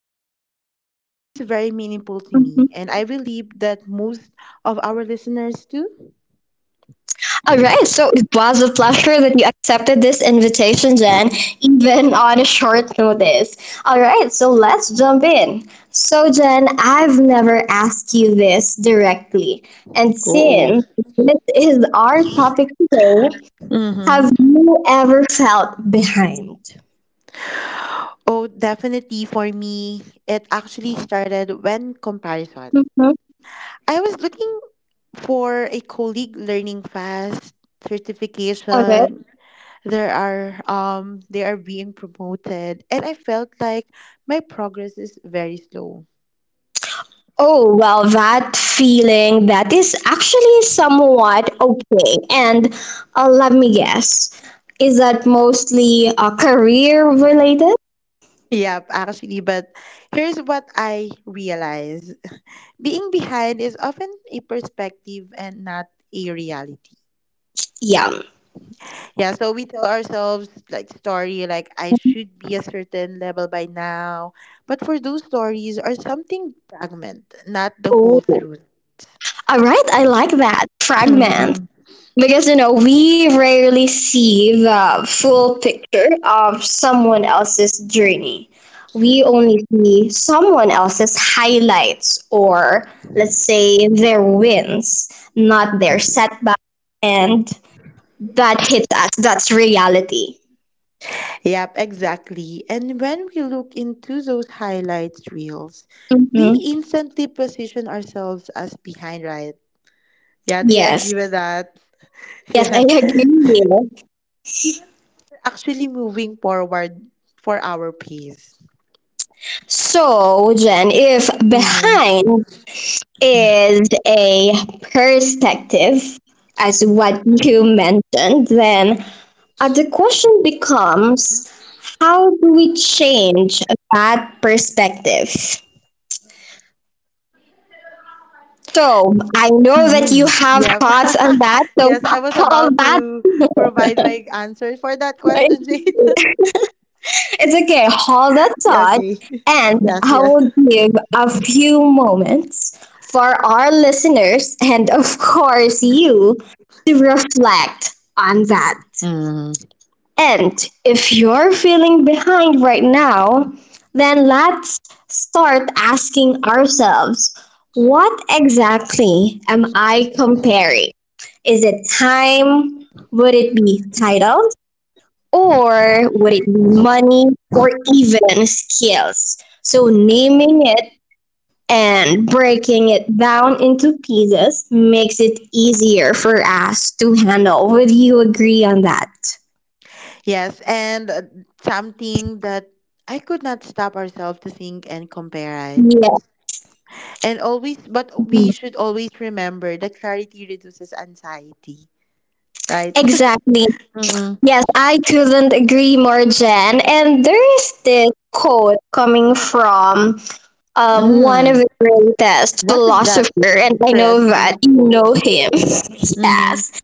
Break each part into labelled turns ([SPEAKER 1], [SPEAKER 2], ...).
[SPEAKER 1] this topic, this is very meaningful to me. And I believe that most of our listeners do.
[SPEAKER 2] All right, so it was a pleasure that you accepted this invitation, Jen, even on a short notice. All right, so let's jump in. So, Jen, I've never asked you this directly. And
[SPEAKER 1] Oh.
[SPEAKER 2] since this is our topic today,
[SPEAKER 1] Mm-hmm.
[SPEAKER 2] have you ever felt behind?
[SPEAKER 1] Oh, definitely for me, it actually started when comparison.
[SPEAKER 2] Mhm.
[SPEAKER 1] I was looking for a colleague learning fast
[SPEAKER 2] All right.
[SPEAKER 1] certification. There are They are being promoted and I felt like my progress is very slow.
[SPEAKER 2] Oh, well, that feeling that is actually somewhat okay. And let me guess, is that mostly career related?
[SPEAKER 1] Yep, actually, but here's what I realize. Being behind is often a perspective and not a reality.
[SPEAKER 2] Yeah.
[SPEAKER 1] Yeah, so we tell ourselves like story like I should be a certain level by now. But for those stories are something fragment, not the
[SPEAKER 2] Oh.
[SPEAKER 1] whole
[SPEAKER 2] All
[SPEAKER 1] truth.
[SPEAKER 2] right, I like that fragment
[SPEAKER 1] Mhm.
[SPEAKER 2] because we rarely see the full picture of someone else's journey. We only see someone else's highlights or let's say their wins, not their setbacks and that hits us. That's reality.
[SPEAKER 1] Yep, exactly. And when we look into those highlights reels, we
[SPEAKER 2] Mm-hmm.
[SPEAKER 1] instantly position ourselves as behind, right? Yeah, do you
[SPEAKER 2] Yes.
[SPEAKER 1] agree with that?
[SPEAKER 2] Yes, I
[SPEAKER 1] Yes.
[SPEAKER 2] agree.
[SPEAKER 1] Even actually moving forward for our peace.
[SPEAKER 2] So, Jen, if
[SPEAKER 1] Mm-hmm.
[SPEAKER 2] behind is a perspective, as what you mentioned, then the question becomes how do we change that perspective? So, I know that you
[SPEAKER 1] Mm-hmm.
[SPEAKER 2] have
[SPEAKER 1] Yep.
[SPEAKER 2] thoughts on that. So,
[SPEAKER 1] Yes, I was
[SPEAKER 2] all
[SPEAKER 1] about
[SPEAKER 2] that.
[SPEAKER 1] to provide my answer for that question, Jade.
[SPEAKER 2] It's okay, hold that
[SPEAKER 1] Yeah,
[SPEAKER 2] thought,
[SPEAKER 1] okay.
[SPEAKER 2] and
[SPEAKER 1] Yes,
[SPEAKER 2] I
[SPEAKER 1] yes.
[SPEAKER 2] will give a few moments for our listeners and, of course, you to reflect on that.
[SPEAKER 1] Mm-hmm.
[SPEAKER 2] And if you're feeling behind right now, then let's start asking ourselves, what exactly am I comparing? Is it time? Would it be title? Or would it be money or even skills? So naming it and breaking it down into pieces makes it easier for us to handle. Would you agree on that?
[SPEAKER 1] Yes, and something that I could not stop ourselves to think and compare it.
[SPEAKER 2] Yeah,
[SPEAKER 1] And always, but we should always remember that clarity reduces anxiety, right?
[SPEAKER 2] exactly. Yes, I couldn't agree more, Jen. And there is this quote coming from one of
[SPEAKER 1] Mm-mm.
[SPEAKER 2] the greatest
[SPEAKER 1] What is that
[SPEAKER 2] philosopher, and I know that
[SPEAKER 1] interesting
[SPEAKER 2] you know
[SPEAKER 1] quote?
[SPEAKER 2] him.
[SPEAKER 1] Mm-hmm.
[SPEAKER 2] Yes.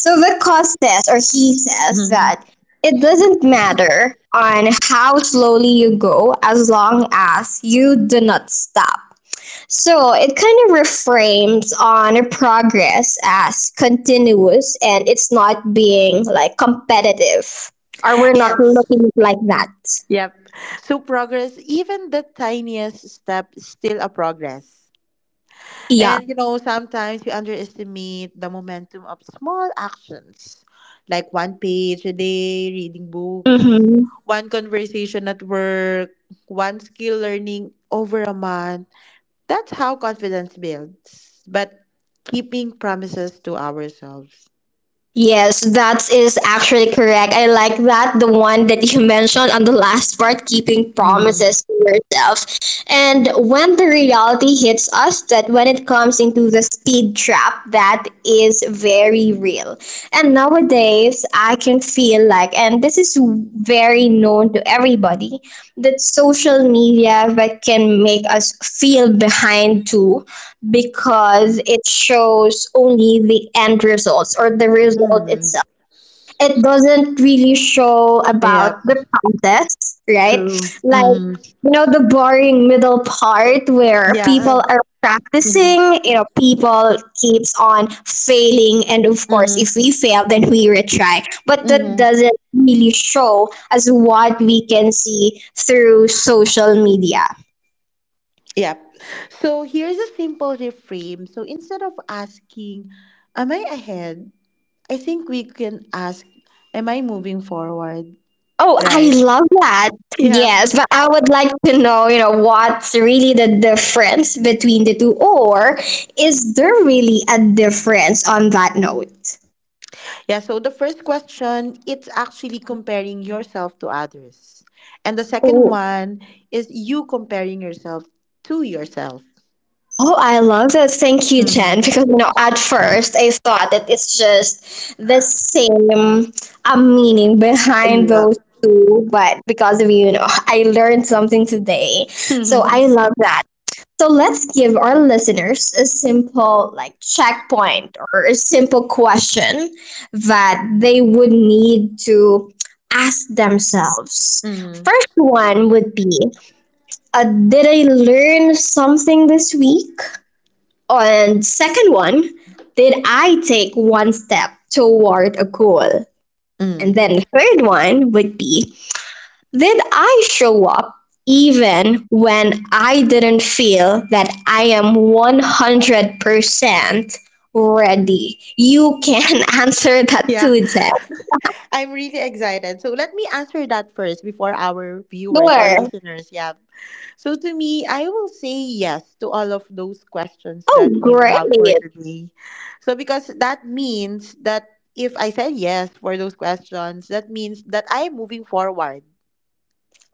[SPEAKER 2] So Vickoz says, or he says, that
[SPEAKER 1] Mm-hmm.
[SPEAKER 2] it doesn't matter on how slowly you go as long as you do not stop. So it kind of reframes on progress as continuous and it's not being like competitive or we're not
[SPEAKER 1] Yes.
[SPEAKER 2] looking like that.
[SPEAKER 1] Yep. So progress, even the tiniest step, is still a progress.
[SPEAKER 2] Yeah.
[SPEAKER 1] And you know, sometimes we underestimate the momentum of small actions, like one page a day, reading books,
[SPEAKER 2] Mm-hmm.
[SPEAKER 1] one conversation at work, one skill learning over a month. That's how confidence builds. But keeping promises to ourselves.
[SPEAKER 2] Yes, that is actually correct. I like that the one that you mentioned on the last part, keeping
[SPEAKER 1] Mm-hmm.
[SPEAKER 2] promises to yourself. And when the reality hits us, that when it comes into the speed trap, that is very real. And nowadays, I can feel like, and this is very known to everybody, that social media that can make us feel behind too because it shows only the end results or the result
[SPEAKER 1] Mm.
[SPEAKER 2] itself. It doesn't really show
[SPEAKER 1] Yep.
[SPEAKER 2] about the process, right?
[SPEAKER 1] True.
[SPEAKER 2] Like,
[SPEAKER 1] Hmm.
[SPEAKER 2] the boring middle part where
[SPEAKER 1] Yeah.
[SPEAKER 2] people are
[SPEAKER 1] Mhm.
[SPEAKER 2] practicing, people keeps on failing and of course
[SPEAKER 1] Mhm.
[SPEAKER 2] if we fail then we retry. But that
[SPEAKER 1] Mhm.
[SPEAKER 2] doesn't really show as what we can see through social media.
[SPEAKER 1] Yep. So here's a simple reframe. So instead of asking, "Am I ahead?" I think we can ask, "Am I moving forward?"
[SPEAKER 2] Oh, I
[SPEAKER 1] Right.
[SPEAKER 2] love that.
[SPEAKER 1] Yeah.
[SPEAKER 2] Yes, but I would like to know, what's really the difference between the two, or is there really a difference on that note?
[SPEAKER 1] Yeah. So the first question, it's actually comparing yourself to others, and the second
[SPEAKER 2] Oh,
[SPEAKER 1] one is you comparing yourself to yourself.
[SPEAKER 2] oh, I love that. Thank you, Chen.
[SPEAKER 1] Mm-hmm.
[SPEAKER 2] Because, at first I thought that it's just the same meaning behind those
[SPEAKER 1] Yep.
[SPEAKER 2] two, but because of you, I learned something today. So I love that. So let's give our listeners a simple like checkpoint or a simple question that they would need to ask themselves.
[SPEAKER 1] Mm-hmm.
[SPEAKER 2] First
[SPEAKER 1] Mm-hmm.
[SPEAKER 2] one would be, did I learn something this week? And second one, did I take one step toward a goal? And then the third one would be, did I show up even when I didn't feel that I am 100% ready? You can answer that
[SPEAKER 1] Yeah,
[SPEAKER 2] too, Jeff.
[SPEAKER 1] I'm really excited. So let me answer that first before our viewers or
[SPEAKER 2] Sure.
[SPEAKER 1] listeners. Yeah. So to me, I will say yes to all of those questions
[SPEAKER 2] Oh,
[SPEAKER 1] that you
[SPEAKER 2] great.
[SPEAKER 1] have for today. So because that means that if I said yes for those questions, that means that I'm moving forward.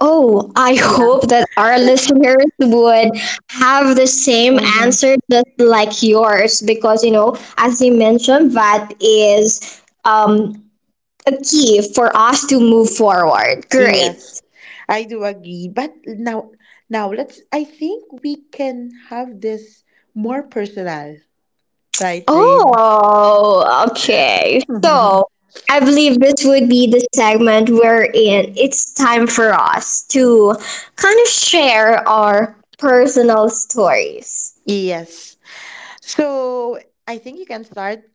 [SPEAKER 2] Oh, I
[SPEAKER 1] Yeah.
[SPEAKER 2] hope that our listeners would have the same
[SPEAKER 1] Mm-hmm.
[SPEAKER 2] answer just like yours because, as you mentioned, that is a key for us to move forward. Great.
[SPEAKER 1] Yes, I do agree. But now let's. I think we can have this more personal, right, Jane?
[SPEAKER 2] Oh, okay. So I believe this would be the segment wherein it's time for us to kind of share our personal stories.
[SPEAKER 1] Yes. So I think you can start.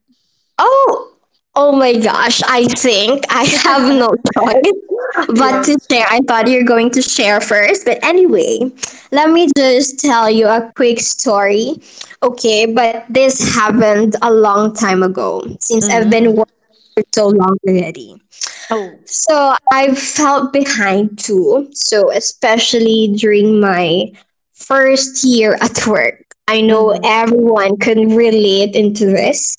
[SPEAKER 2] Oh, oh my gosh. I think I have no choice but to
[SPEAKER 1] Yes.
[SPEAKER 2] share. I thought you're going to share first. But anyway, let me just tell you a quick story. Okay, but this happened a long time ago since I've been
[SPEAKER 1] Mm.
[SPEAKER 2] working so long already.
[SPEAKER 1] Oh.
[SPEAKER 2] So I felt behind too. So especially during my first year at work. I know
[SPEAKER 1] Mm-hmm.
[SPEAKER 2] everyone can relate into this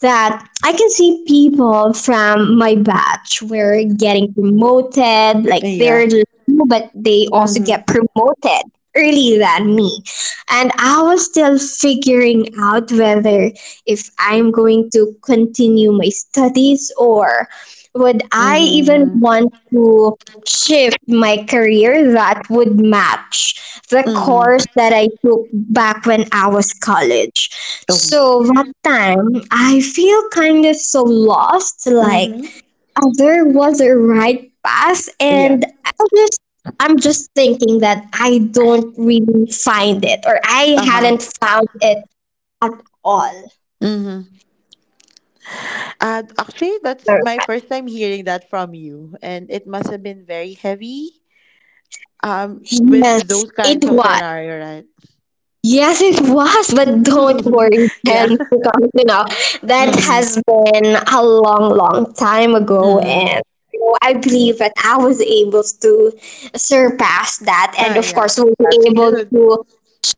[SPEAKER 2] that I can see people from my batch were getting promoted, like
[SPEAKER 1] Yeah.
[SPEAKER 2] they're low, but they also
[SPEAKER 1] Mm-hmm.
[SPEAKER 2] get promoted earlier than me. And I was still figuring out whether if I'm going to continue my studies or would I even
[SPEAKER 1] Mm-hmm.
[SPEAKER 2] want to shift my career that would match the
[SPEAKER 1] Mm-hmm.
[SPEAKER 2] course that I took back when I was college?
[SPEAKER 1] Oh.
[SPEAKER 2] So that time I feel kind of so lost, like
[SPEAKER 1] Mm-hmm.
[SPEAKER 2] there was a right path
[SPEAKER 1] Yeah.
[SPEAKER 2] and I just I'm just thinking that I don't really find it or I
[SPEAKER 1] Uh-huh.
[SPEAKER 2] hadn't found it at all.
[SPEAKER 1] Mm-hmm. Actually, that's my first time hearing that from you, and it must have been very heavy. With
[SPEAKER 2] Yes,
[SPEAKER 1] those
[SPEAKER 2] it
[SPEAKER 1] kinds of
[SPEAKER 2] was.
[SPEAKER 1] scenario, right?
[SPEAKER 2] Yes, it was, but don't worry, Jen,
[SPEAKER 1] Yeah.
[SPEAKER 2] because that has been a long, long time ago,
[SPEAKER 1] Mm-hmm.
[SPEAKER 2] and I believe that I was able to surpass that, and
[SPEAKER 1] Ah,
[SPEAKER 2] of
[SPEAKER 1] yeah.
[SPEAKER 2] course, we'll be
[SPEAKER 1] That's
[SPEAKER 2] able
[SPEAKER 1] good.
[SPEAKER 2] to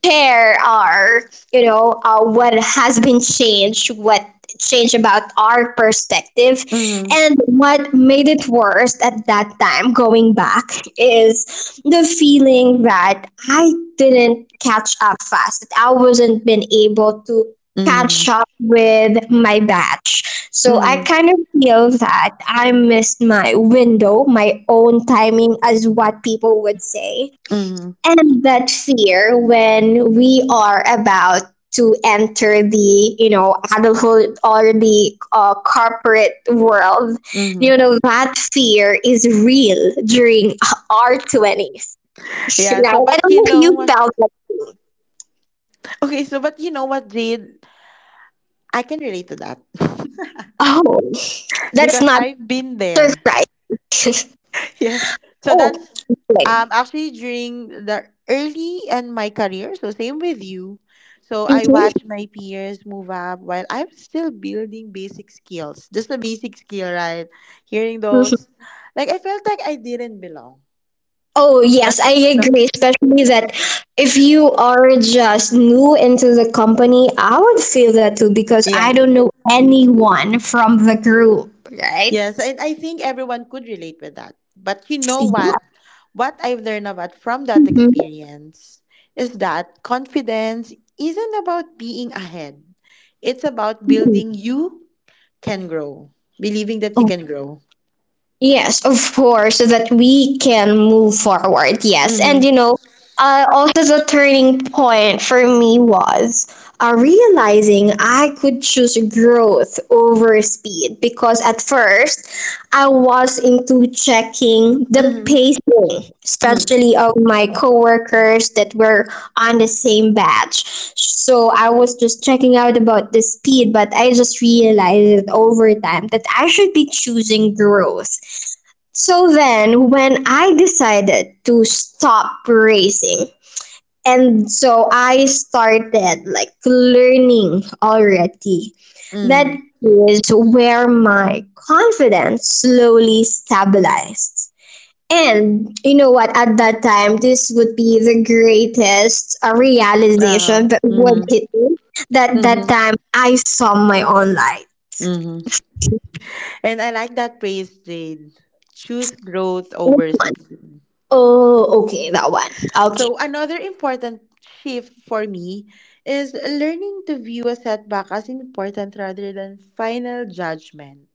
[SPEAKER 2] share our, what has been changed, what changed about our perspective,
[SPEAKER 1] Mm-hmm.
[SPEAKER 2] and what made it worse at that time, going back, is the feeling that I didn't catch up fast, that I wasn't been able to catch
[SPEAKER 1] Mm-hmm.
[SPEAKER 2] up with my batch. So I
[SPEAKER 1] Mm-hmm.
[SPEAKER 2] kind of feel that I missed my window, my own timing, as what people would say,
[SPEAKER 1] Mm-hmm.
[SPEAKER 2] and that fear when we are about to enter the adulthood or the corporate world.
[SPEAKER 1] Mm-hmm.
[SPEAKER 2] You know that fear is real during our 20s.
[SPEAKER 1] Yeah.
[SPEAKER 2] Right,
[SPEAKER 1] So,
[SPEAKER 2] I
[SPEAKER 1] but
[SPEAKER 2] don't
[SPEAKER 1] you
[SPEAKER 2] know if
[SPEAKER 1] know
[SPEAKER 2] you
[SPEAKER 1] what?
[SPEAKER 2] felt like.
[SPEAKER 1] Okay. So, but you know what, Jade? I can relate to that
[SPEAKER 2] Oh, that's
[SPEAKER 1] because
[SPEAKER 2] not
[SPEAKER 1] I've been there.
[SPEAKER 2] surprising.
[SPEAKER 1] Yes. So
[SPEAKER 2] Oh,
[SPEAKER 1] that's
[SPEAKER 2] okay.
[SPEAKER 1] actually during the early in my career. So same with you. So I watch my peers move up while I'm still building basic skills. Just a basic skill, right? Hearing
[SPEAKER 2] Mhm.
[SPEAKER 1] those, like I felt like I didn't belong.
[SPEAKER 2] Oh, yes,
[SPEAKER 1] But
[SPEAKER 2] I
[SPEAKER 1] you know,
[SPEAKER 2] agree. Especially that if you are just new into the company, I would feel that too because
[SPEAKER 1] yeah.
[SPEAKER 2] I don't know anyone from the group, right?
[SPEAKER 1] Yes, and I think everyone could relate with that. But you know
[SPEAKER 2] Yeah.
[SPEAKER 1] what? What I've learned about from that experience is that confidence isn't about being ahead. It's about
[SPEAKER 2] Mhm.
[SPEAKER 1] building you can grow, believing that you can grow.
[SPEAKER 2] Yes, of course, so that we can move forward. Yes, and
[SPEAKER 1] Mhm.
[SPEAKER 2] also the turning point for me was realizing I could choose growth over speed because at first I was into checking the
[SPEAKER 1] Mhm.
[SPEAKER 2] pacing,
[SPEAKER 1] Mhm.
[SPEAKER 2] especially of my coworkers that were on the same batch. So I was just checking out about the speed, but I just realized over time that I should be choosing growth. So then, when I decided to stop racing, and so I started like learning already, that
[SPEAKER 1] Mhm.
[SPEAKER 2] is where my confidence slowly stabilized. And what, at that time, this would be the greatest realization
[SPEAKER 1] Uh-huh.
[SPEAKER 2] that would
[SPEAKER 1] Mhm.
[SPEAKER 2] hit me. That that
[SPEAKER 1] Mhm.
[SPEAKER 2] time I saw my own light.
[SPEAKER 1] Mhm. And I like that praise, Jade. Choose growth over speed.
[SPEAKER 2] Oh, okay, that one. Okay.
[SPEAKER 1] So another important shift for me is learning to view a setback as important rather than final judgment.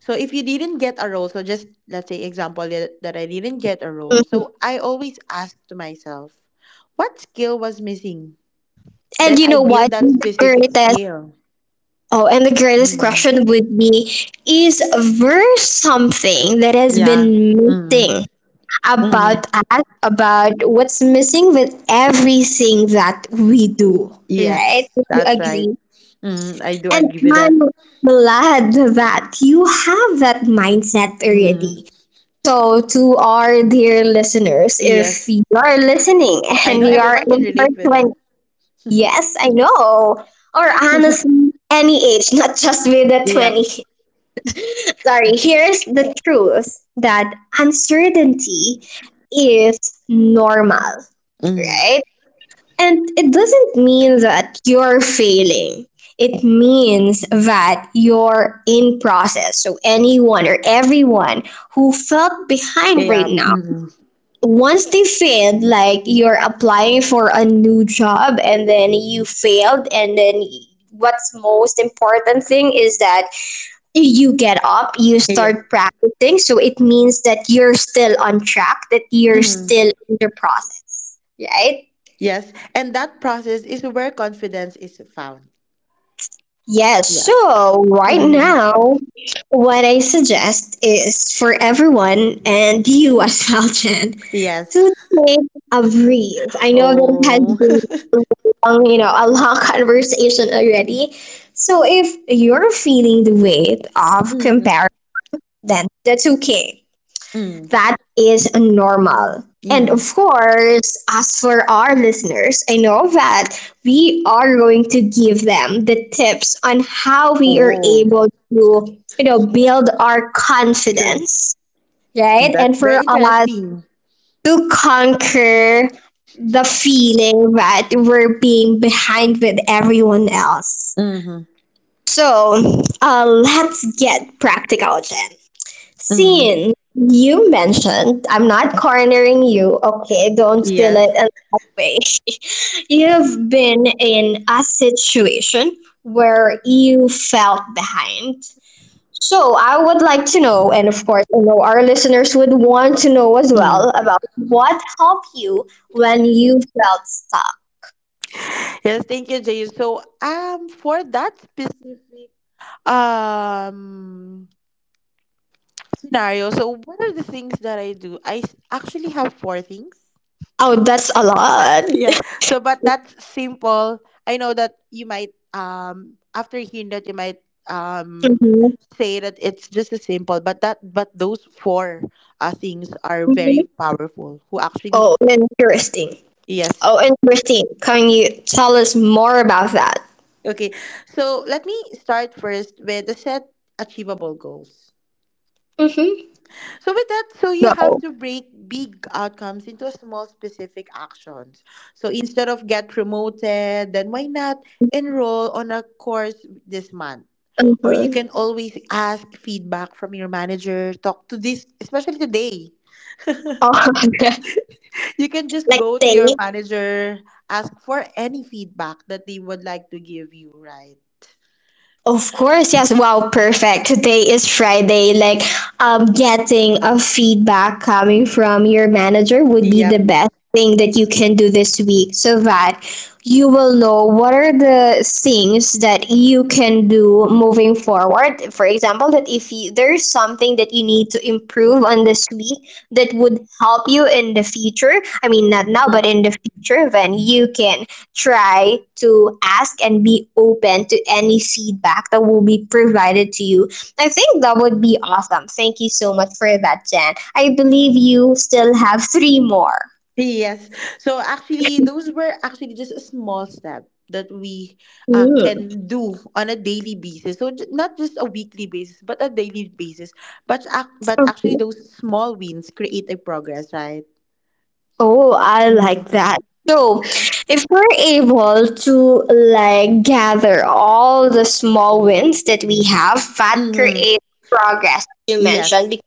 [SPEAKER 1] So if you didn't get a role, so just let's say example that I didn't get a role. So I always ask to myself, what skill was missing?
[SPEAKER 2] And
[SPEAKER 1] Then I
[SPEAKER 2] what?
[SPEAKER 1] build that
[SPEAKER 2] The
[SPEAKER 1] specific
[SPEAKER 2] greatest
[SPEAKER 1] skill.
[SPEAKER 2] oh, and the greatest
[SPEAKER 1] Mhm.
[SPEAKER 2] question would be: is there something that has
[SPEAKER 1] Yeah.
[SPEAKER 2] been
[SPEAKER 1] Hmm.
[SPEAKER 2] missing
[SPEAKER 1] Hmm.
[SPEAKER 2] about us? About what's missing with everything that we do, right?
[SPEAKER 1] Yes,
[SPEAKER 2] Would you
[SPEAKER 1] that's right.
[SPEAKER 2] agree?
[SPEAKER 1] Mm, I do
[SPEAKER 2] And
[SPEAKER 1] agree with
[SPEAKER 2] I'm
[SPEAKER 1] that.
[SPEAKER 2] glad that you have that mindset
[SPEAKER 1] Mm,
[SPEAKER 2] already. So, to our dear listeners, if
[SPEAKER 1] yes.
[SPEAKER 2] you are listening
[SPEAKER 1] I
[SPEAKER 2] and
[SPEAKER 1] know
[SPEAKER 2] you are
[SPEAKER 1] everyone can
[SPEAKER 2] in
[SPEAKER 1] relate with
[SPEAKER 2] your.
[SPEAKER 1] that.
[SPEAKER 2] Yes, I know. Or honestly, any age, not just with the
[SPEAKER 1] Yeah.
[SPEAKER 2] 20s. Sorry, here's the truth that uncertainty is normal,
[SPEAKER 1] Mm.
[SPEAKER 2] right? And it doesn't mean that you're failing. It means that you're in process. So anyone or everyone who felt behind right
[SPEAKER 1] Yeah.
[SPEAKER 2] now
[SPEAKER 1] Mm.
[SPEAKER 2] once they failed, like you're applying for a new job and then you failed, and then what's most important thing is that you get up, you
[SPEAKER 1] Yeah.
[SPEAKER 2] start practicing, so it means that you're still on track, that you're
[SPEAKER 1] Mm.
[SPEAKER 2] still in the process, right?
[SPEAKER 1] Yes. And that process is where confidence is found.
[SPEAKER 2] Yes,
[SPEAKER 1] Yes.
[SPEAKER 2] so right
[SPEAKER 1] Mhm.
[SPEAKER 2] now, what I suggest is for everyone and you as well, Jen,
[SPEAKER 1] Yes.
[SPEAKER 2] to take a breathe. I know that it has
[SPEAKER 1] Oh.
[SPEAKER 2] been a long, a long conversation already. So if you're feeling the weight of
[SPEAKER 1] Mm.
[SPEAKER 2] comparison, then that's okay.
[SPEAKER 1] Mm.
[SPEAKER 2] That is normal. And of
[SPEAKER 1] Mm.
[SPEAKER 2] course, as for our listeners, I know that we are going to give them the tips on how we are
[SPEAKER 1] Oh.
[SPEAKER 2] able to, build our
[SPEAKER 1] True.
[SPEAKER 2] confidence, right? And
[SPEAKER 1] That's
[SPEAKER 2] for
[SPEAKER 1] very
[SPEAKER 2] us
[SPEAKER 1] interesting.
[SPEAKER 2] to conquer the feeling that we're being behind with everyone else.
[SPEAKER 1] Mm-hmm.
[SPEAKER 2] So, let's get practical, Jen.
[SPEAKER 1] Mm.
[SPEAKER 2] Sean, you mentioned, I'm not cornering you, okay? Don't feel it
[SPEAKER 1] Yes.
[SPEAKER 2] in that way. You've been in a situation where you felt behind. So I would like to know, and of course, I know our listeners would want to know as
[SPEAKER 1] Mm.
[SPEAKER 2] well about what helped you when you felt stuck.
[SPEAKER 1] Yes, thank you, Jay. So for that specific um scenario, so what are the things that I do? Actually have four things.
[SPEAKER 2] Oh, that's a lot.
[SPEAKER 1] Yeah, so but that's simple. I know that you might after hearing that you might um
[SPEAKER 2] Mhm.
[SPEAKER 1] say that it's just a simple, but those four things are very
[SPEAKER 2] Mhm.
[SPEAKER 1] powerful who actually.
[SPEAKER 2] Oh, interesting.
[SPEAKER 1] Yes.
[SPEAKER 2] Oh, interesting. Can you tell us more about that?
[SPEAKER 1] Okay, so let me start first with the set achievable goals.
[SPEAKER 2] Mm-hmm.
[SPEAKER 1] So with that, so you have
[SPEAKER 2] Go.
[SPEAKER 1] to break big outcomes into small specific actions. So instead of get promoted, then why not enroll on a course this month? Or you
[SPEAKER 2] Mm-hmm.
[SPEAKER 1] can always ask feedback from your manager. Talk to this, especially today.
[SPEAKER 2] Oh,
[SPEAKER 1] You can just
[SPEAKER 2] like
[SPEAKER 1] go to
[SPEAKER 2] they,
[SPEAKER 1] your manager, ask for any feedback that they would like to give you, right?
[SPEAKER 2] of course, yes. Wow, perfect. Today is Friday. Getting a feedback coming from your manager would be the
[SPEAKER 1] Yep.
[SPEAKER 2] best thing that you can do this week, so that you will know what are the things that you can do moving forward. For example, that if you, there's something that you need to improve on this week that would help you in the future. I mean, not now,
[SPEAKER 1] Mhm.
[SPEAKER 2] but in the future, then you can try to ask and be open to any feedback that will be provided to you. I think that would be awesome. Thank you so much for that, Jen. I believe you still have three more.
[SPEAKER 1] Yes. So actually, those were actually just a small step that we can do on a daily basis. So not just a weekly basis, but a daily basis. But actually,
[SPEAKER 2] Mm.
[SPEAKER 1] those small wins create a progress, right?
[SPEAKER 2] Oh, I like that. So, if we're able to like gather all the small wins that we have, that
[SPEAKER 1] Mm-hmm.
[SPEAKER 2] creates progress, you
[SPEAKER 1] Yes.
[SPEAKER 2] mentioned.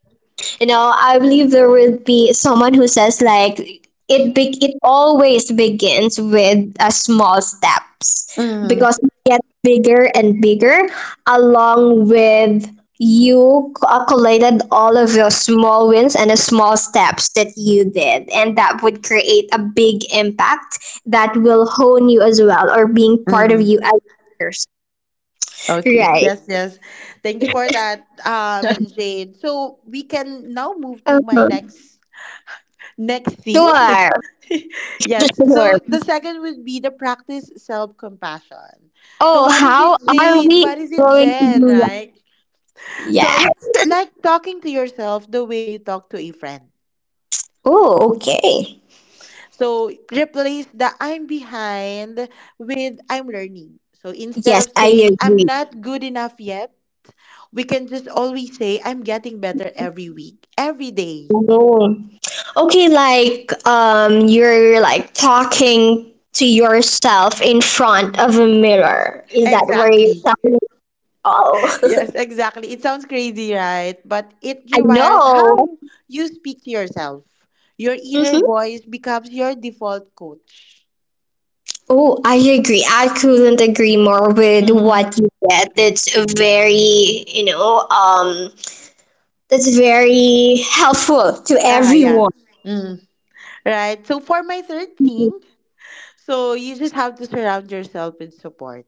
[SPEAKER 2] You know, I believe there will be someone who says like it always begins with a small steps
[SPEAKER 1] Mm-hmm.
[SPEAKER 2] because it gets bigger and bigger along with you calculated all of your small wins and the small steps that you did, and that would create a big impact that will hone you as well or being part of you
[SPEAKER 1] Mm-hmm.
[SPEAKER 2] as a person.
[SPEAKER 1] Okay.
[SPEAKER 2] Right.
[SPEAKER 1] Yes, yes. Thank you for that, Jade. So we can now move to my
[SPEAKER 2] Uh-huh.
[SPEAKER 1] next thing.
[SPEAKER 2] Sure.
[SPEAKER 1] Yes. So
[SPEAKER 2] Sure.
[SPEAKER 1] the second would be the practice self compassion. So
[SPEAKER 2] Oh,
[SPEAKER 1] what is it,
[SPEAKER 2] how are
[SPEAKER 1] Jade?
[SPEAKER 2] we
[SPEAKER 1] What is it,
[SPEAKER 2] going to
[SPEAKER 1] Jen?
[SPEAKER 2] do that?
[SPEAKER 1] Right. So
[SPEAKER 2] Yeah.
[SPEAKER 1] it's like talking to yourself the way you talk to a friend.
[SPEAKER 2] Oh, okay.
[SPEAKER 1] So replace the I'm behind with I'm learning. So instead
[SPEAKER 2] Yes,
[SPEAKER 1] of
[SPEAKER 2] I
[SPEAKER 1] saying I'm
[SPEAKER 2] agree.
[SPEAKER 1] not good enough yet. We can just always say, I'm getting better every week, every day.
[SPEAKER 2] Oh. Okay, like you're like talking to yourself in front of a mirror. Is that where you're
[SPEAKER 1] Exactly.
[SPEAKER 2] talking? Oh,
[SPEAKER 1] Yes, exactly. It sounds crazy, right? But it
[SPEAKER 2] I
[SPEAKER 1] rewires
[SPEAKER 2] know.
[SPEAKER 1] how you speak to yourself. Your inner
[SPEAKER 2] Hmm.
[SPEAKER 1] voice becomes your default coach.
[SPEAKER 2] Oh, I agree. I couldn't agree more with
[SPEAKER 1] Mm.
[SPEAKER 2] what you said. That's a very, that's very helpful to
[SPEAKER 1] Ah, yeah.
[SPEAKER 2] everyone.
[SPEAKER 1] Mm. Right. So for my third thing, so you just have to surround yourself with support.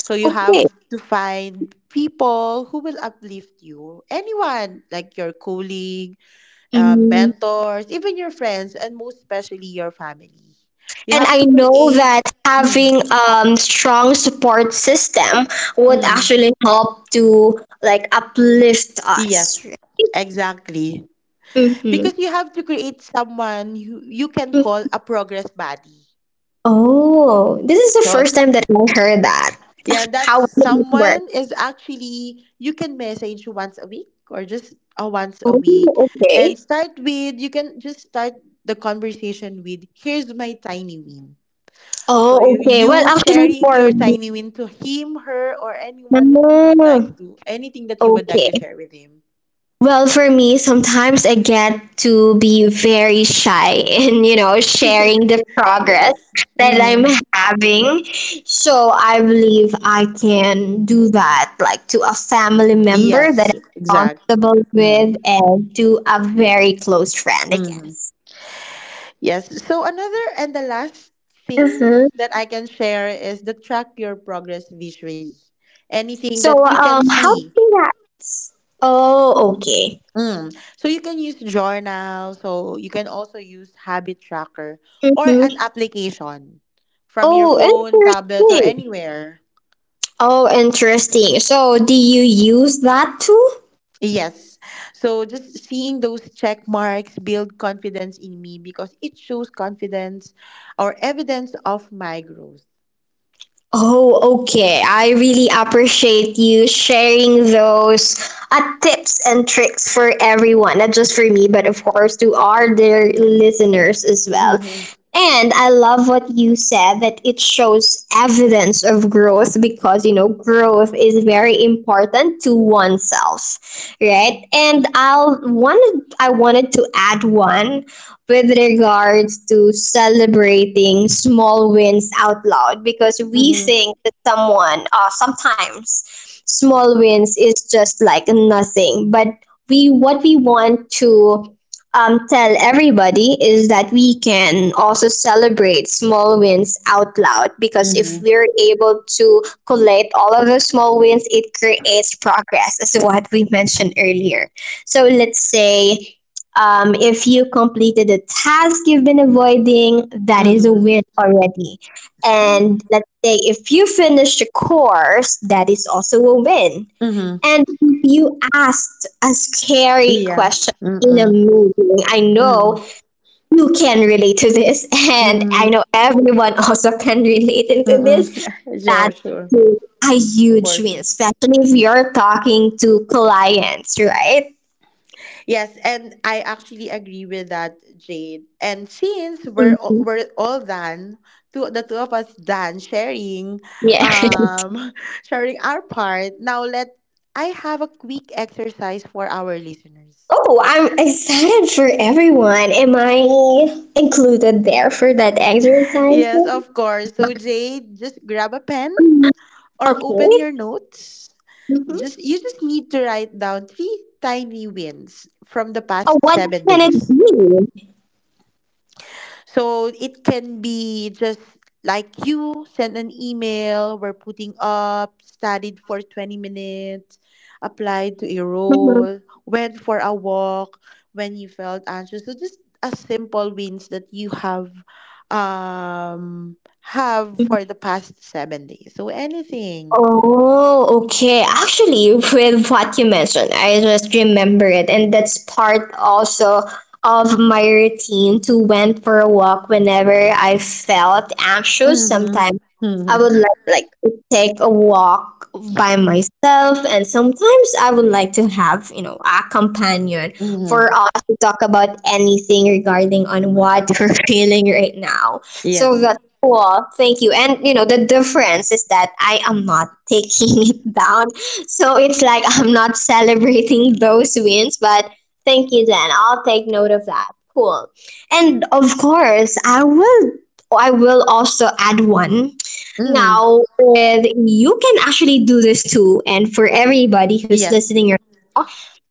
[SPEAKER 1] So you have
[SPEAKER 2] Okay.
[SPEAKER 1] to find people who will uplift you. Anyone, like your colleague,
[SPEAKER 2] Mm.
[SPEAKER 1] mentors, even your friends, and most especially your family. You
[SPEAKER 2] And
[SPEAKER 1] have
[SPEAKER 2] I
[SPEAKER 1] to
[SPEAKER 2] know
[SPEAKER 1] create.
[SPEAKER 2] that
[SPEAKER 1] Mm,
[SPEAKER 2] having strong support system would
[SPEAKER 1] mm,
[SPEAKER 2] actually help to like uplift us.
[SPEAKER 1] yes, exactly.
[SPEAKER 2] Mm-hmm.
[SPEAKER 1] Because you have to create someone who you can call a progress buddy.
[SPEAKER 2] Oh, this is the
[SPEAKER 1] So,
[SPEAKER 2] first time that I heard that.
[SPEAKER 1] yeah, that
[SPEAKER 2] How would it work?
[SPEAKER 1] someone is actually you can message once a week or just a once a
[SPEAKER 2] Oh,
[SPEAKER 1] week
[SPEAKER 2] okay.
[SPEAKER 1] and start with you can just start the conversation with here's my tiny win. So
[SPEAKER 2] Oh,
[SPEAKER 1] you,
[SPEAKER 2] okay. Well,
[SPEAKER 1] you
[SPEAKER 2] actually,
[SPEAKER 1] sharing
[SPEAKER 2] for
[SPEAKER 1] your tiny win to him, her, or anyone that you would like
[SPEAKER 2] Mm,
[SPEAKER 1] to, anything that you would like
[SPEAKER 2] okay.
[SPEAKER 1] to share with him.
[SPEAKER 2] Well, for me, sometimes I get to be very shy in, you know, sharing the progress
[SPEAKER 1] Yes.
[SPEAKER 2] that I'm
[SPEAKER 1] Mm.
[SPEAKER 2] having. So I believe I can do that, like to a family member that
[SPEAKER 1] Yes,
[SPEAKER 2] I'm
[SPEAKER 1] exactly.
[SPEAKER 2] comfortable
[SPEAKER 1] Mm.
[SPEAKER 2] with and to a very close friend, I
[SPEAKER 1] Mhm.
[SPEAKER 2] guess.
[SPEAKER 1] Yes. So another and the last thing
[SPEAKER 2] Mm-hmm.
[SPEAKER 1] that I can share is the track your progress visually. Anything
[SPEAKER 2] So,
[SPEAKER 1] that you can
[SPEAKER 2] how do
[SPEAKER 1] see.
[SPEAKER 2] you react? Oh, okay.
[SPEAKER 1] Mm. So you can use journal. So you can also use habit tracker or an
[SPEAKER 2] Mm-hmm.
[SPEAKER 1] application from your
[SPEAKER 2] Oh,
[SPEAKER 1] phone, tablet, or
[SPEAKER 2] interesting.
[SPEAKER 1] anywhere.
[SPEAKER 2] Oh, interesting. So, do you use that too?
[SPEAKER 1] Yes. So just seeing those check marks build confidence in me because it shows confidence or evidence of my growth.
[SPEAKER 2] Oh, okay. I really appreciate you sharing those tips and tricks for everyone, not just for me, but of course to our dear listeners as well.
[SPEAKER 1] Mm-hmm.
[SPEAKER 2] And I love what you said that it shows evidence of growth, because you know growth is very important to oneself, right? And I wanted to add one with regards to celebrating small wins out loud, because we
[SPEAKER 1] Mm-hmm.
[SPEAKER 2] think that someone sometimes small wins is just like nothing, but we what we want to tell everybody is that we can also celebrate small wins out loud, because if
[SPEAKER 1] Mm-hmm.
[SPEAKER 2] we're able to collate all of those small wins, it creates progress, as what we mentioned earlier. So let's say if you completed a task you've been avoiding, that is a
[SPEAKER 1] Mm-hmm.
[SPEAKER 2] win already. And let's say if you finished a course, that is also a win.
[SPEAKER 1] Mm-hmm.
[SPEAKER 2] And you asked a scary
[SPEAKER 1] Yeah.
[SPEAKER 2] question in a
[SPEAKER 1] Mm-mm.
[SPEAKER 2] movie. I
[SPEAKER 1] Mm-mm.
[SPEAKER 2] know you can relate to this, and I
[SPEAKER 1] Mm-mm.
[SPEAKER 2] know everyone also can relate into this.
[SPEAKER 1] Mm-mm.
[SPEAKER 2] That
[SPEAKER 1] Sure, sure.
[SPEAKER 2] is a huge
[SPEAKER 1] For
[SPEAKER 2] win,
[SPEAKER 1] sure.
[SPEAKER 2] especially if you're talking to clients, right?
[SPEAKER 1] Yes, and I actually agree with that, Jade. And since we're all,
[SPEAKER 2] Mhm.
[SPEAKER 1] we're all done, two the two of us done sharing,
[SPEAKER 2] Yeah.
[SPEAKER 1] um, sharing our part. Now let I have a quick exercise for our listeners.
[SPEAKER 2] Oh, I'm excited for everyone. Am I included there for that exercise?
[SPEAKER 1] Yes, of course. So Jade, just grab a pen
[SPEAKER 2] Mhm.
[SPEAKER 1] or open
[SPEAKER 2] Okay.
[SPEAKER 1] your notes.
[SPEAKER 2] Mhm.
[SPEAKER 1] Just you just need to write down three tiny wins from the
[SPEAKER 2] Oh,
[SPEAKER 1] past
[SPEAKER 2] what
[SPEAKER 1] seven
[SPEAKER 2] can it
[SPEAKER 1] days.
[SPEAKER 2] be?
[SPEAKER 1] So it can be just like you send an email, we're putting up, studied for 20 minutes, applied to a role, went for a walk when you felt anxious. So just a simple wins that you have
[SPEAKER 2] Mhm.
[SPEAKER 1] for the past 7 days. So anything.
[SPEAKER 2] Oh, okay. Actually, with what you mentioned, I just remember it, and that's part also of my routine to went for a walk whenever I felt anxious.
[SPEAKER 1] Mm-hmm.
[SPEAKER 2] Sometimes I
[SPEAKER 1] Mm-hmm.
[SPEAKER 2] would like to take a walk by myself, and sometimes I would like to have you know a companion for
[SPEAKER 1] Mm-hmm.
[SPEAKER 2] us to talk about anything regarding on what we're feeling right now.
[SPEAKER 1] Yes.
[SPEAKER 2] So well, thank you. And you know, the difference is that I am not taking it down. So it's like I'm not celebrating those wins, but thank you then. I'll take note of that. Cool. And of course, I will also add one.
[SPEAKER 1] Mm-hmm.
[SPEAKER 2] Now, with you can actually do this too, and for everybody who's
[SPEAKER 1] Yes.
[SPEAKER 2] listening right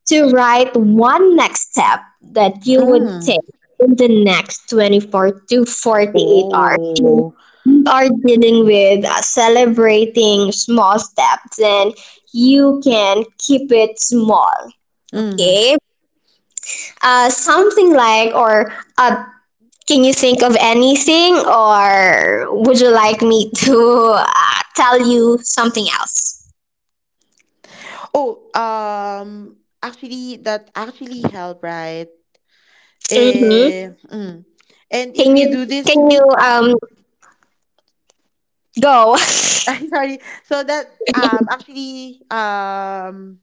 [SPEAKER 2] to write one next step that you would take
[SPEAKER 1] Mm-hmm.
[SPEAKER 2] in the next 24 to 48 hours.
[SPEAKER 1] Oh.
[SPEAKER 2] You are dealing with celebrating small steps, and you can keep it small.
[SPEAKER 1] Mm-hmm.
[SPEAKER 2] Okay? Something like, or uh, can you think of anything, or would you like me to tell you something else?
[SPEAKER 1] Oh, actually, that actually help, right?
[SPEAKER 2] Mm-hmm.
[SPEAKER 1] Mm. And if
[SPEAKER 2] Can
[SPEAKER 1] you
[SPEAKER 2] you
[SPEAKER 1] do this
[SPEAKER 2] can you
[SPEAKER 1] week,
[SPEAKER 2] go?
[SPEAKER 1] I'm sorry. So that actually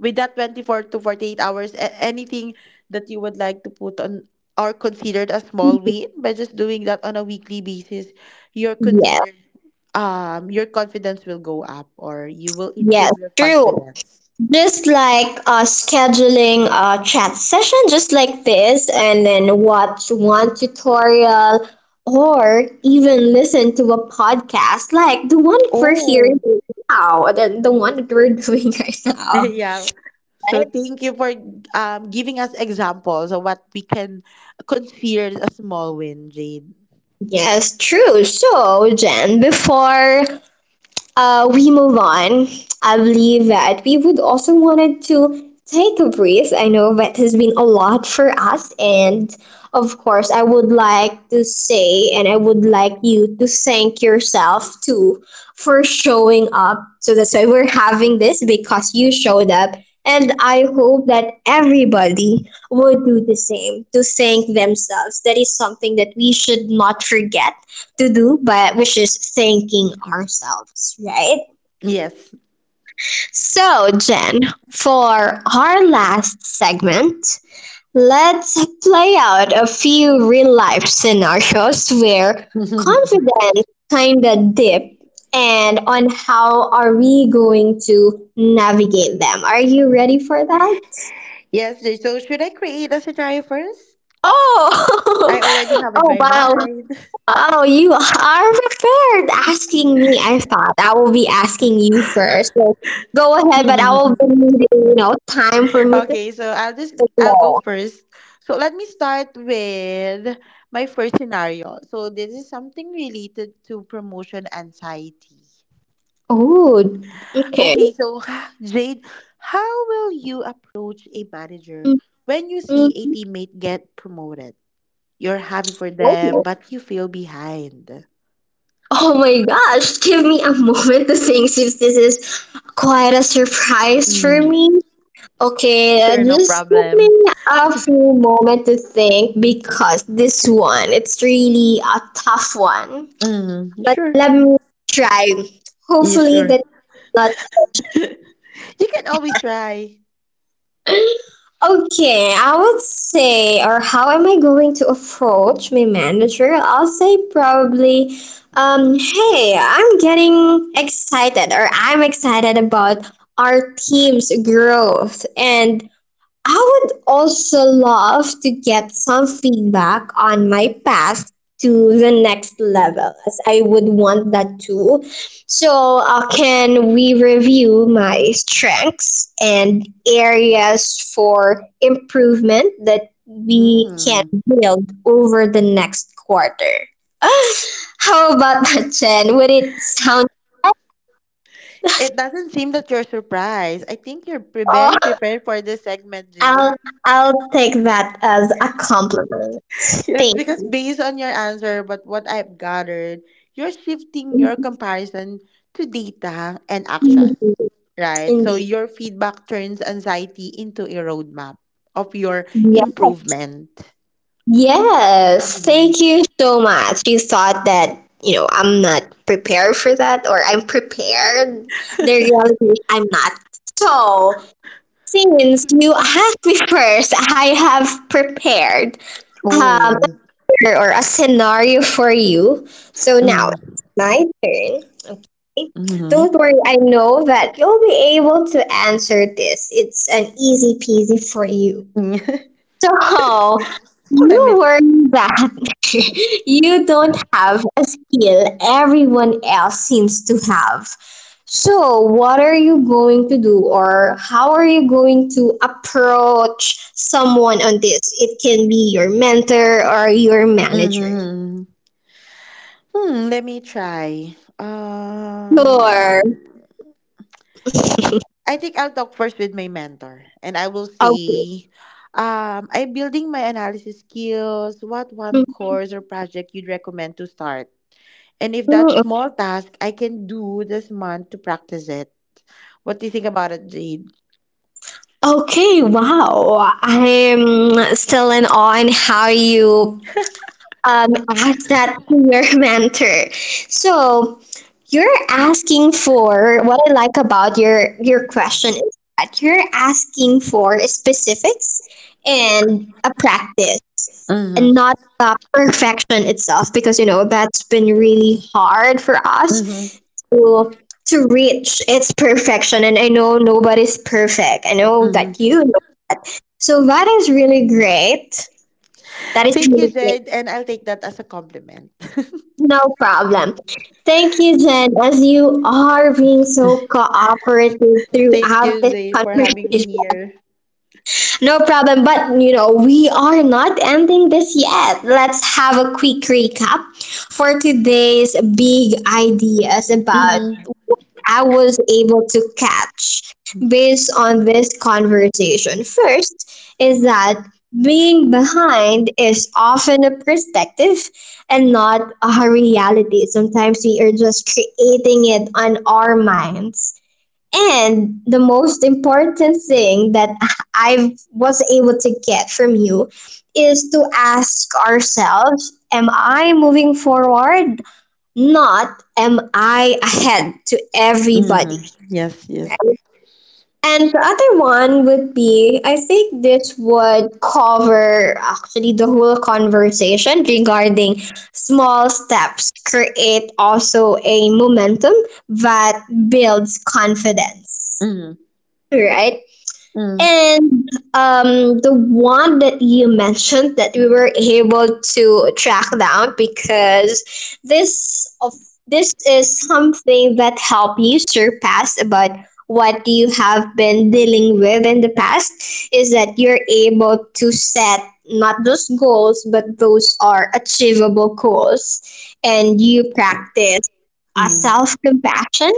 [SPEAKER 1] with that 24 to 48 hours, anything that you would like to put on or considered a small win by just doing that on a weekly basis, you're considered your confidence will go up or you will
[SPEAKER 2] Yes,
[SPEAKER 1] improve your
[SPEAKER 2] true.
[SPEAKER 1] confidence.
[SPEAKER 2] Just like scheduling a chat session just like this, and then watch one tutorial or even listen to a podcast like the one that we're hearing
[SPEAKER 1] Oh.
[SPEAKER 2] right now, the one that we're doing right now.
[SPEAKER 1] Yeah. So
[SPEAKER 2] Right?
[SPEAKER 1] thank you for giving us examples of what we can consider a small win, Jade.
[SPEAKER 2] Yes, true. So, Jen, before we move on, I believe that we would also wanted to take a breath. I know that has been a lot for us, and of course, I would like to say, and I would like you to thank yourself too for showing up. So that's why we're having this, because you showed up. And I hope that everybody would do the same to thank themselves. That is something that we should not forget to do, but which is thanking ourselves, right?
[SPEAKER 1] Yes.
[SPEAKER 2] So, Jen, for our last segment, let's play out a few real life scenarios where confidence kinda dips, and on how are we going to navigate them. Are you ready for that?
[SPEAKER 1] Yes, Jade. So should I create a scenario first?
[SPEAKER 2] Oh,
[SPEAKER 1] I already have in
[SPEAKER 2] oh
[SPEAKER 1] my
[SPEAKER 2] wow.
[SPEAKER 1] mind.
[SPEAKER 2] Oh, you are prepared asking me. I thought I will be asking you first. So go ahead, but I will be needing, you know, time for me to
[SPEAKER 1] Okay, so I'll go
[SPEAKER 2] signal.
[SPEAKER 1] first. So let me start with my first scenario. So this is something related to promotion anxiety.
[SPEAKER 2] Oh, okay.
[SPEAKER 1] Okay, so Jade, how will you approach a manager
[SPEAKER 2] Mm,
[SPEAKER 1] when you see a
[SPEAKER 2] mm,
[SPEAKER 1] teammate get promoted? You're happy for them,
[SPEAKER 2] Oh,
[SPEAKER 1] but you feel behind.
[SPEAKER 2] oh my gosh, give me a moment to think, if this is quite a surprise for
[SPEAKER 1] Mm,
[SPEAKER 2] me. Okay,
[SPEAKER 1] sure, no
[SPEAKER 2] just give me
[SPEAKER 1] problem.
[SPEAKER 2] a few moment to think, because this one, it's really a tough one.
[SPEAKER 1] Mm,
[SPEAKER 2] But
[SPEAKER 1] sure.
[SPEAKER 2] let me try.
[SPEAKER 1] Yeah,
[SPEAKER 2] Hopefully
[SPEAKER 1] sure.
[SPEAKER 2] that lot.
[SPEAKER 1] You can always try.
[SPEAKER 2] Okay, I would say, or how am I going to approach my manager? I'll say probably, hey, I'm getting excited, or I'm excited about our team's growth, and I would also love to get some feedback on my path to the next level, as I would want that too. So, can we review my strengths and areas for improvement that we can
[SPEAKER 1] Mm.
[SPEAKER 2] build over the next quarter? How about that, Chen? Would it sound?
[SPEAKER 1] It doesn't seem that you're surprised. I think you're very
[SPEAKER 2] Oh,
[SPEAKER 1] prepared for this segment, Jade.
[SPEAKER 2] I'll I'll take that as a compliment.
[SPEAKER 1] Yes,
[SPEAKER 2] Thank.
[SPEAKER 1] because based on your answer, but what I've gathered, you're shifting your comparison to data and
[SPEAKER 2] Indeed.
[SPEAKER 1] action, right? So
[SPEAKER 2] Indeed.
[SPEAKER 1] your feedback turns anxiety into a roadmap of your
[SPEAKER 2] Yeah.
[SPEAKER 1] improvement.
[SPEAKER 2] Yes, thank
[SPEAKER 1] Mhm.
[SPEAKER 2] you so much. You thought that, you know, I'm not prepared for that or I'm prepared. The reality is I'm not. So, since you asked me first, I have prepared um
[SPEAKER 1] Oh.
[SPEAKER 2] or a scenario for you. So now
[SPEAKER 1] Mm.
[SPEAKER 2] it's my turn. Okay?
[SPEAKER 1] Mm-hmm.
[SPEAKER 2] Don't worry, I know that you'll be able to answer this. It's an easy peasy for you. So
[SPEAKER 1] Let
[SPEAKER 2] you
[SPEAKER 1] me.
[SPEAKER 2] worry that you don't have a skill everyone else seems to have. So, what are you going to do, or how are you going to approach someone on this? It can be your mentor or your manager.
[SPEAKER 1] Mm-hmm. Hmm, let me try.
[SPEAKER 2] Sure.
[SPEAKER 1] I think I'll talk first with my mentor and I will
[SPEAKER 2] Okay.
[SPEAKER 1] say, I'm building my analysis skills. What one course or project you'd recommend to start? And if that
[SPEAKER 2] Mhm.
[SPEAKER 1] small task I can do this month to practice it. What do you think about it, Jade?
[SPEAKER 2] Okay, wow. I'm still in awe in how you as that peer mentor. So you're asking for what I like about your question is that you're asking for specifics and a practice and not
[SPEAKER 1] Mm-hmm.
[SPEAKER 2] perfection itself, because you know that's been really hard for
[SPEAKER 1] Mm-hmm.
[SPEAKER 2] us to to reach its perfection, and I know nobody's perfect. I know
[SPEAKER 1] Mm-hmm.
[SPEAKER 2] that you know. So that is really great. That is
[SPEAKER 1] Thank
[SPEAKER 2] really
[SPEAKER 1] you,
[SPEAKER 2] great.
[SPEAKER 1] Jade. And I'll take that as a compliment.
[SPEAKER 2] No problem. Thank you, Jen, as you are being so cooperative
[SPEAKER 1] Thank
[SPEAKER 2] throughout
[SPEAKER 1] you,
[SPEAKER 2] this
[SPEAKER 1] Jade, for having me
[SPEAKER 2] conversation.
[SPEAKER 1] here.
[SPEAKER 2] No problem, but you know, we are not ending this yet. Let's have a quick recap for today's big ideas about
[SPEAKER 1] Mm-hmm.
[SPEAKER 2] I was able to catch based on this conversation. First is that being behind is often a perspective and not a reality. Sometimes we are just creating it on our minds. And the most important thing that I was able to get from you is to ask ourselves, am I moving forward, not am I ahead to
[SPEAKER 1] Mm-hmm.
[SPEAKER 2] everybody.
[SPEAKER 1] Yes, yes.
[SPEAKER 2] And the other one would be, I think this would cover actually the whole conversation regarding small steps create also a momentum that builds confidence.
[SPEAKER 1] Mm-hmm.
[SPEAKER 2] Right? And the one that you mentioned that we were able to track down, because this is something that help you surpass about what you have been dealing with in the past, is that you're able to set not just goals but those are achievable goals, and you practice a
[SPEAKER 1] Mm-hmm.
[SPEAKER 2] self compassion,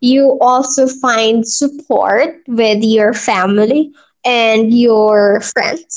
[SPEAKER 2] you also find support with your family and your friends.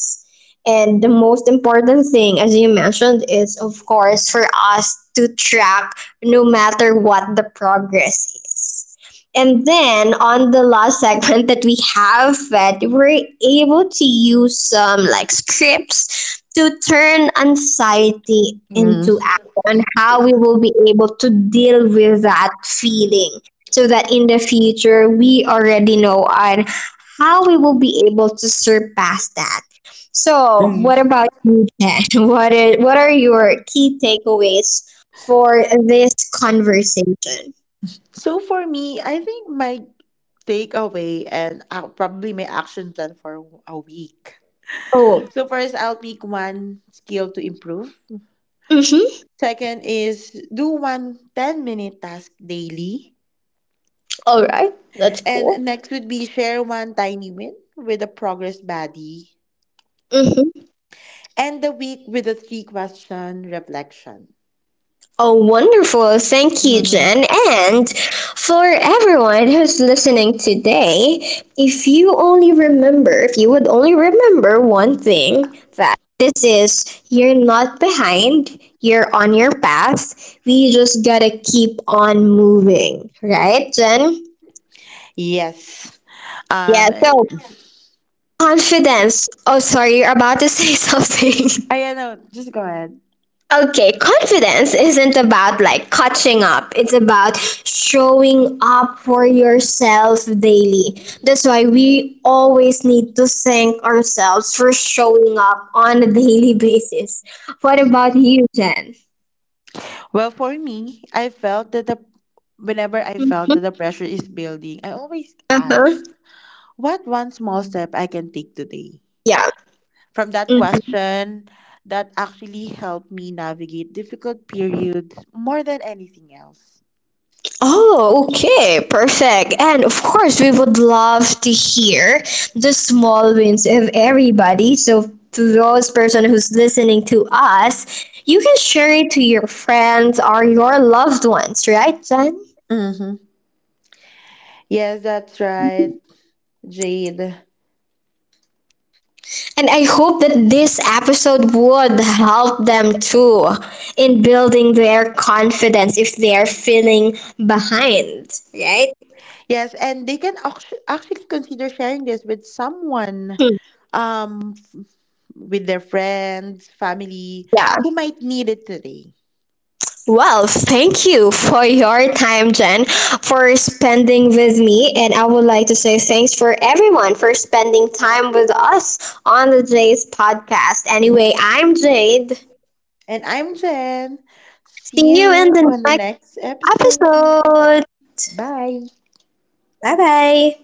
[SPEAKER 2] And the most important thing, as you mentioned, is of course for us to track no matter what the progress is. And then on the last segment that we have, that we're able to use some like scripts to turn anxiety into action,
[SPEAKER 1] Mm-hmm.
[SPEAKER 2] on how we will be able to deal with that feeling so that in the future we already know on how we will be able to surpass that. So,
[SPEAKER 1] Mm.
[SPEAKER 2] what about you, Jen? What are your key takeaways for this conversation?
[SPEAKER 1] So for me, I think my takeaway and I'll probably my action plan for a week.
[SPEAKER 2] Oh,
[SPEAKER 1] So first I'll pick one skill to improve.
[SPEAKER 2] mm-hmm.
[SPEAKER 1] Second is do one 10-minute task daily.
[SPEAKER 2] All right, that's cool.
[SPEAKER 1] And next would be share one tiny win with a progress buddy.
[SPEAKER 2] Mm-hmm.
[SPEAKER 1] End the week with a three question reflection.
[SPEAKER 2] Oh, wonderful. Thank you,
[SPEAKER 1] Mm-hmm.
[SPEAKER 2] Jen. And for everyone who's listening today, if you only remember, if you would only remember one thing that this is you're not behind, you're on your path. We just gotta keep on moving. Right, Jen?
[SPEAKER 1] Yes.
[SPEAKER 2] Yeah,
[SPEAKER 1] Um
[SPEAKER 2] so confidence. Oh, sorry, you're about to say something.
[SPEAKER 1] I don't know, just go ahead.
[SPEAKER 2] Okay, confidence isn't about like catching up. It's about showing up for yourself daily. That's why we always need to thank ourselves for showing up on a daily basis. What about you, Jen?
[SPEAKER 1] Well, for me, I felt that the whenever I felt that the pressure is building, I always
[SPEAKER 2] Uh-huh.
[SPEAKER 1] ask. What one small step I can take today?
[SPEAKER 2] Yeah.
[SPEAKER 1] From that question, that actually helped me navigate difficult periods more than anything else.
[SPEAKER 2] Oh, okay, perfect. And of course, we would love to hear the small wins of everybody. So, to those person who's listening to us, you can share it to your friends or your loved ones, right, Jen?
[SPEAKER 1] Mm-hmm. Yes, that's right, Jade.
[SPEAKER 2] And I hope that this episode would help them too in building their confidence if they are feeling behind, right?
[SPEAKER 1] Yes, and they can actually consider sharing this with someone,
[SPEAKER 2] Hmm.
[SPEAKER 1] um, f- with their friends, family,
[SPEAKER 2] Yeah.
[SPEAKER 1] who might need it today.
[SPEAKER 2] Well, thank you for your time, Jen, for spending with me. And I would like to say thanks for everyone for spending time with us on the Jay's podcast. Anyway, I'm Jade.
[SPEAKER 1] And I'm Jen.
[SPEAKER 2] See
[SPEAKER 1] See
[SPEAKER 2] you in
[SPEAKER 1] you
[SPEAKER 2] the
[SPEAKER 1] on the
[SPEAKER 2] next
[SPEAKER 1] next episode.
[SPEAKER 2] episode.
[SPEAKER 1] Bye.
[SPEAKER 2] Bye bye.